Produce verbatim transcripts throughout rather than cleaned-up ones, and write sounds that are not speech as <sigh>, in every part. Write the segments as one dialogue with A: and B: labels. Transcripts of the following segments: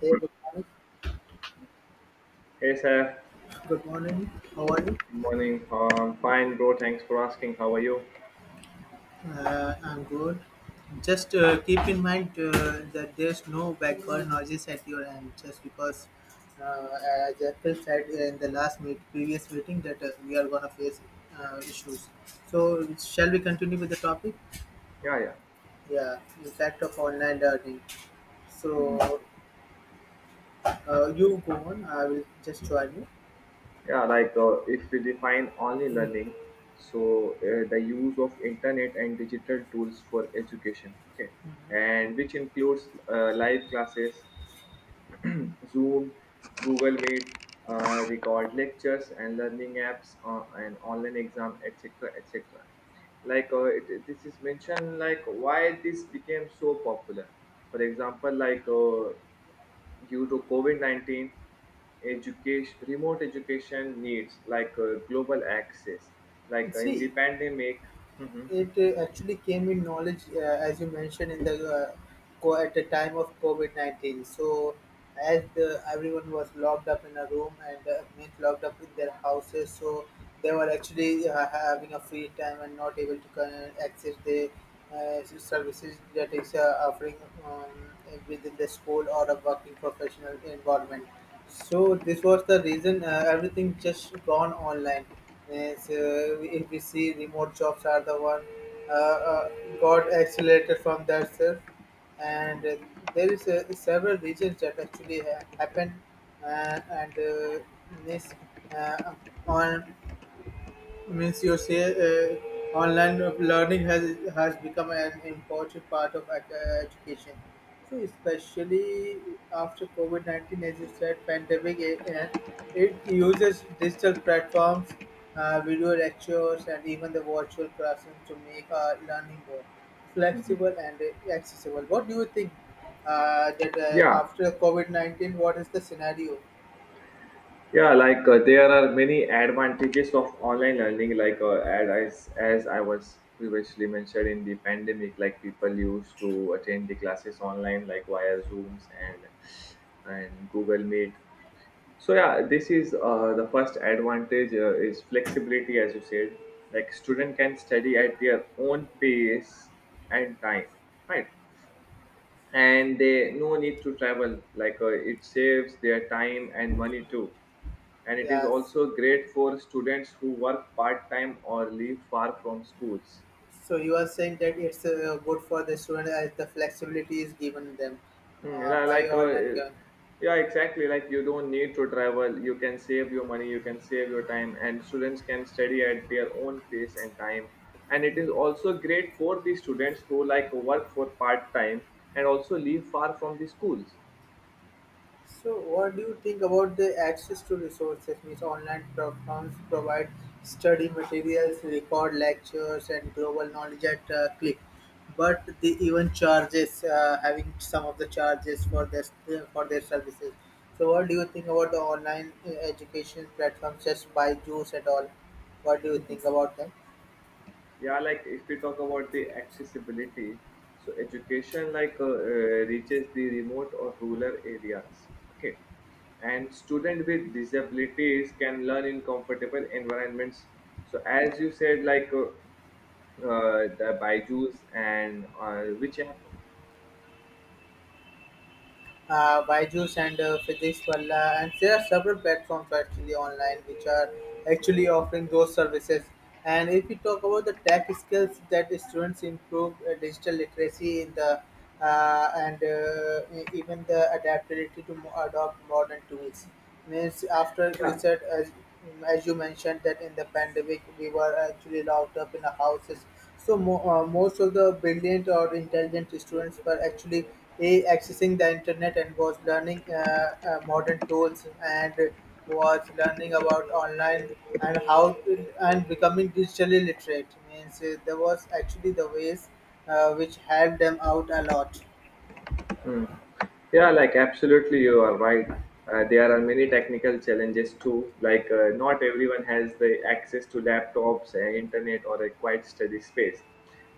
A: Hey, good morning.
B: Hey sir.
A: Good morning. How are
B: Good
A: you?
B: morning. Uh, I'm fine, bro. Thanks for asking. How are you?
A: Uh, I'm good. Just uh, keep in mind uh, that there's no background noises at your end, just because, uh, as Apple said in the last meet, previous meeting, that uh, we are gonna face uh, issues. So, shall we continue with the topic?
B: Yeah, yeah.
A: Yeah, impact of online learning.
B: Mhm.
A: So, uh, you go on. I will just join you.
B: Yeah, like uh, if we define only learning, so uh, the use of internet and digital tools for education, okay, and which includes uh, live classes, Zoom, Google Meet, uh, record lectures and learning apps, uh, and online exam, et cetera, et cetera. Like uh, it, it- this is mentioned, like why this became so popular. For example, like uh, due to COVID nineteen, education, remote education needs like uh, global access, like uh, in the
A: See,
B: pandemic. Mhm,
A: it uh, actually came in knowledge uh, as you mentioned in the uh, co- at the time of covid nineteen. So as the, everyone was locked up in a room and uh, means locked up in their houses, so they were actually uh, having a free time and not able to con- access the uh, services that is uh, offering um, within the school or a working professional environment. So this was the reason uh, everything just gone online. Yes, uh, if we see remote jobs are the one uh, uh, got accelerated from that self, and uh, there is uh, several regions that actually ha- happen uh, and uh, this uh, on. Means you say uh, online learning has has become an important part of ec- uh, education. So especially after COVID nineteen, as you said, pandemic, it, uh, it uses digital platforms, uh, video lectures, and even the virtual classroom to make our learning more
B: mhm.
A: flexible and uh, accessible. What do you think uh, that uh,
B: Yeah,
A: after COVID nineteen, what is the scenario?
B: yeah, like uh, there are many advantages of online learning, like uh, as, as I was previously mentioned in the pandemic, like people used to attend the classes online, like via Zooms and and Google Meet. So yeah, this is uh, the first advantage uh, is flexibility, as you said. Like student can study at their own pace and time, right? And they no need to travel. Like uh, it saves their time and money too. And it is
A: Yes.
B: also great for students who work part time or live far from schools.
A: So you are saying that it's uh, good for the student as the flexibility is given them
B: Mm,
A: uh,
B: li-
A: by
B: like
A: online
B: uh,
A: term.
B: yeah, exactly, like you don't need to travel, you can save your money, you can save your time, and students can study at their own pace and time, and it is also great for the students who like work for part time and also live far from the schools.
A: So what do you think about the access to resources? Means online platforms provide study materials, record lectures, and global knowledge at uh, click. But they even charges uh, having some of the charges for their for their services. So what do you think about the online uh, education platforms, just Byju's and all? What do you think about them?
B: Yeah, like if we talk about the accessibility, so education like uh, uh, reaches the remote or rural areas, okay, and student with disabilities can learn in comfortable environments. So as you said, like uh, uh, the byju's and uh, which app.
A: uh, Byju's and uh, Physics Palla, and there are several platforms actually online which are actually offering those services. And if we talk about the tech skills, that students improve uh, digital literacy in the uh, and uh, e- even the adaptability to mo- adopt modern tools. Means after you
B: Yeah.
A: said, as as you mentioned that in the pandemic we were actually locked up in the houses, so mo- uh, most of the brilliant or intelligent students were actually a accessing the internet and was learning uh, uh, modern tools and was learning about online and how to, and becoming digitally literate, means uh, there was actually the ways uh, which helped them out a lot.
B: Hmm. Yeah, like absolutely, you are right. Uh, there are many technical challenges too. Like, uh, not everyone has the access to laptops, uh, internet, or a quiet study space.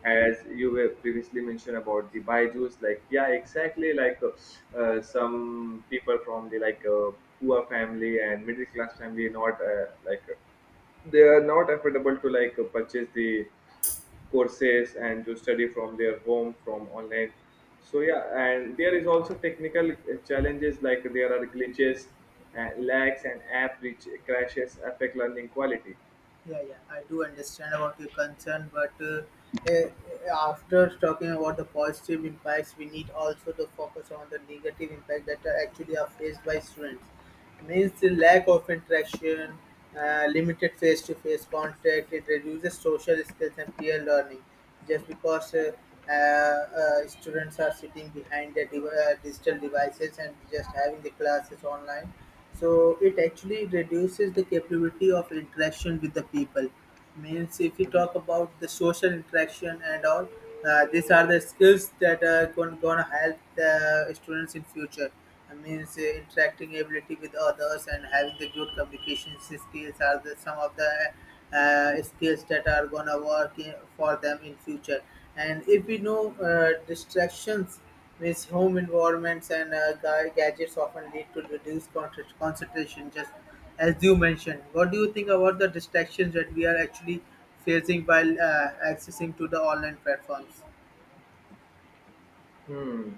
B: As you were previously mentioned about the Byju's, like, yeah, exactly. Like, uh, uh, some people from the like uh, poor family and middle class family, not uh, like uh, they are not affordable to like uh, purchase the courses and to study from their home from online. So yeah, and there is also technical uh, challenges, like there are glitches and lags and app which crashes affect learning quality.
A: Yeah, yeah, I do understand about your concern, but uh, eh, after talking about the positive impacts, we need also to focus on the negative impact that are actually are faced by students. Means the lack of interaction, uh, limited face-to-face contact, it reduces social skills and peer learning, just because uh, uh, uh, students are sitting behind their div- uh, digital devices and just having the classes online, so it actually reduces the capability of interaction with the people. Means if you talk about the social interaction and all, uh, these are the skills that are going going to help the students in future. I means uh, interacting ability with others and having the good communication skills are the, some of the uh, skills that are gonna work in, for them in future. And if we know uh, distractions, means home environments and uh, ga- gadgets often lead to reduced con- concentration. Just as you mentioned, what do you think about the distractions that we are actually facing while uh, accessing to the online platforms?
B: Hmm.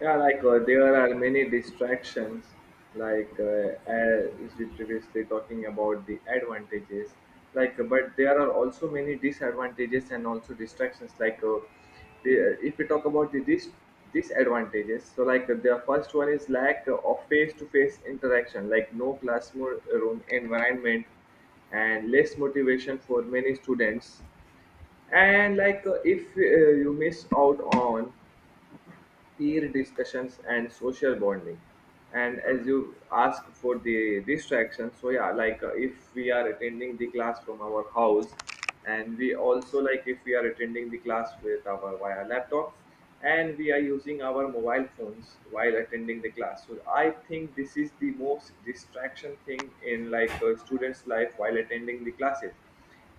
B: Yeah, like uh, there are many distractions, like uh, as we previously talking about the advantages, like uh, but there are also many disadvantages and also distractions. Like uh, the, if we talk about the dis- disadvantages, so like uh, the first one is lack of face-to-face interaction, like no classroom environment and less motivation for many students. And like uh, if uh, you miss out on peer discussions and social bonding. And as you ask for the distraction, so yeah, like uh, if we are attending the class from our house, and we also like if we are attending the class with our via laptop, and we are using our mobile phones while attending the class, so I think this is the most distraction thing in like a student's life while attending the classes.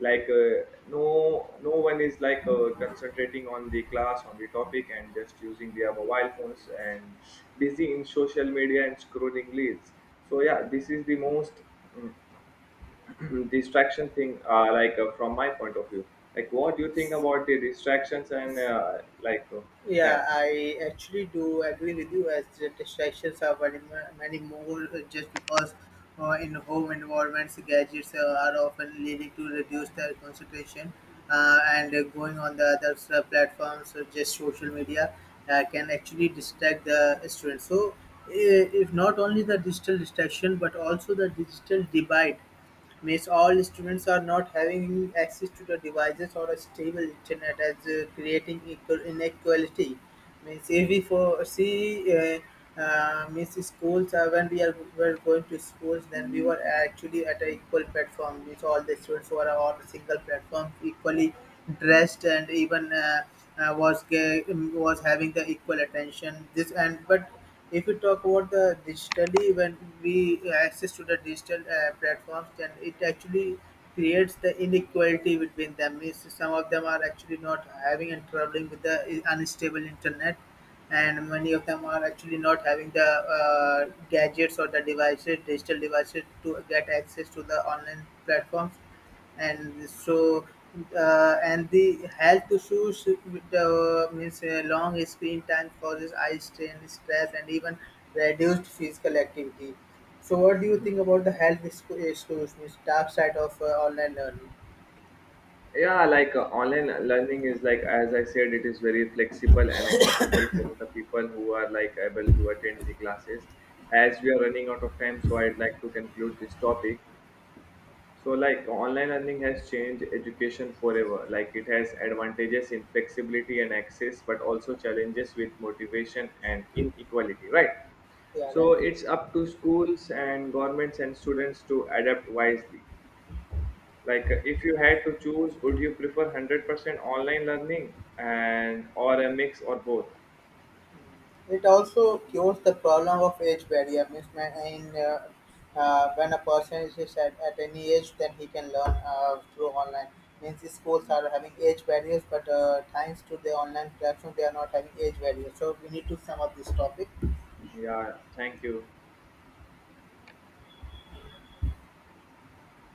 B: Like uh, no no one is like uh, concentrating on the class on the topic and just using their mobile phones and busy in social media and scrolling reels. So yeah, this is the most mm, <clears throat> distraction thing, uh, like uh, from my point of view. Like what do you think about the distractions and uh, like uh,
A: Yeah,
B: that
A: I actually do agree with you, as the distractions are very ma- many more, uh, just because uh, in home environments, gadgets uh, are often leading to reduced uh, concentration, uh, and uh, going on the other uh, platforms, uh, just social media, uh, can actually distract the students. So, uh, if not only the digital distraction but also the digital divide. Means all students are not having access to the devices or a stable internet, as uh, creating equal inequality. Means if we foresee uh, uh, means schools uh, when we are were going to schools, then we were actually at an equal platform. Means all the students were on a single platform, equally dressed, and even uh, uh, was ga- um, was having the equal attention, this. And but if we talk about the digitally, when we access to the digital uh, platforms, then it actually creates the inequality between them. Means some of them are actually not having and traveling with the unstable internet, and many of them are actually not having the uh, gadgets or the devices, digital devices, to get access to the online platforms. And so uh, and the health issues with the, means uh, long screen time causes eye strain, stress, and even reduced physical activity. So, what do you
B: Mhm.
A: think about the health issues, means dark side of uh, online learning?
B: Yeah, like uh, online learning is, like as I said, it is very flexible and accessible for the people who are like able to attend the classes. As we are running out of time, so I'd like to conclude this topic. So like online learning has changed education forever. Like it has advantages in flexibility and access but also challenges with motivation and inequality, right?
A: Yeah, right.
B: So it's up to schools and governments and students to adapt wisely. Like uh, if you had to choose, would you prefer one hundred percent online learning and or a mix or both?
A: It also cures the problem of age barrier mismatch in uh, uh, when a person is just at, at any age, then he can learn uh, through online. Means the schools are having age barriers, but uh, thanks to the online platform, they are not having age barriers. So we need to sum up this topic.
B: Yeah, thank you.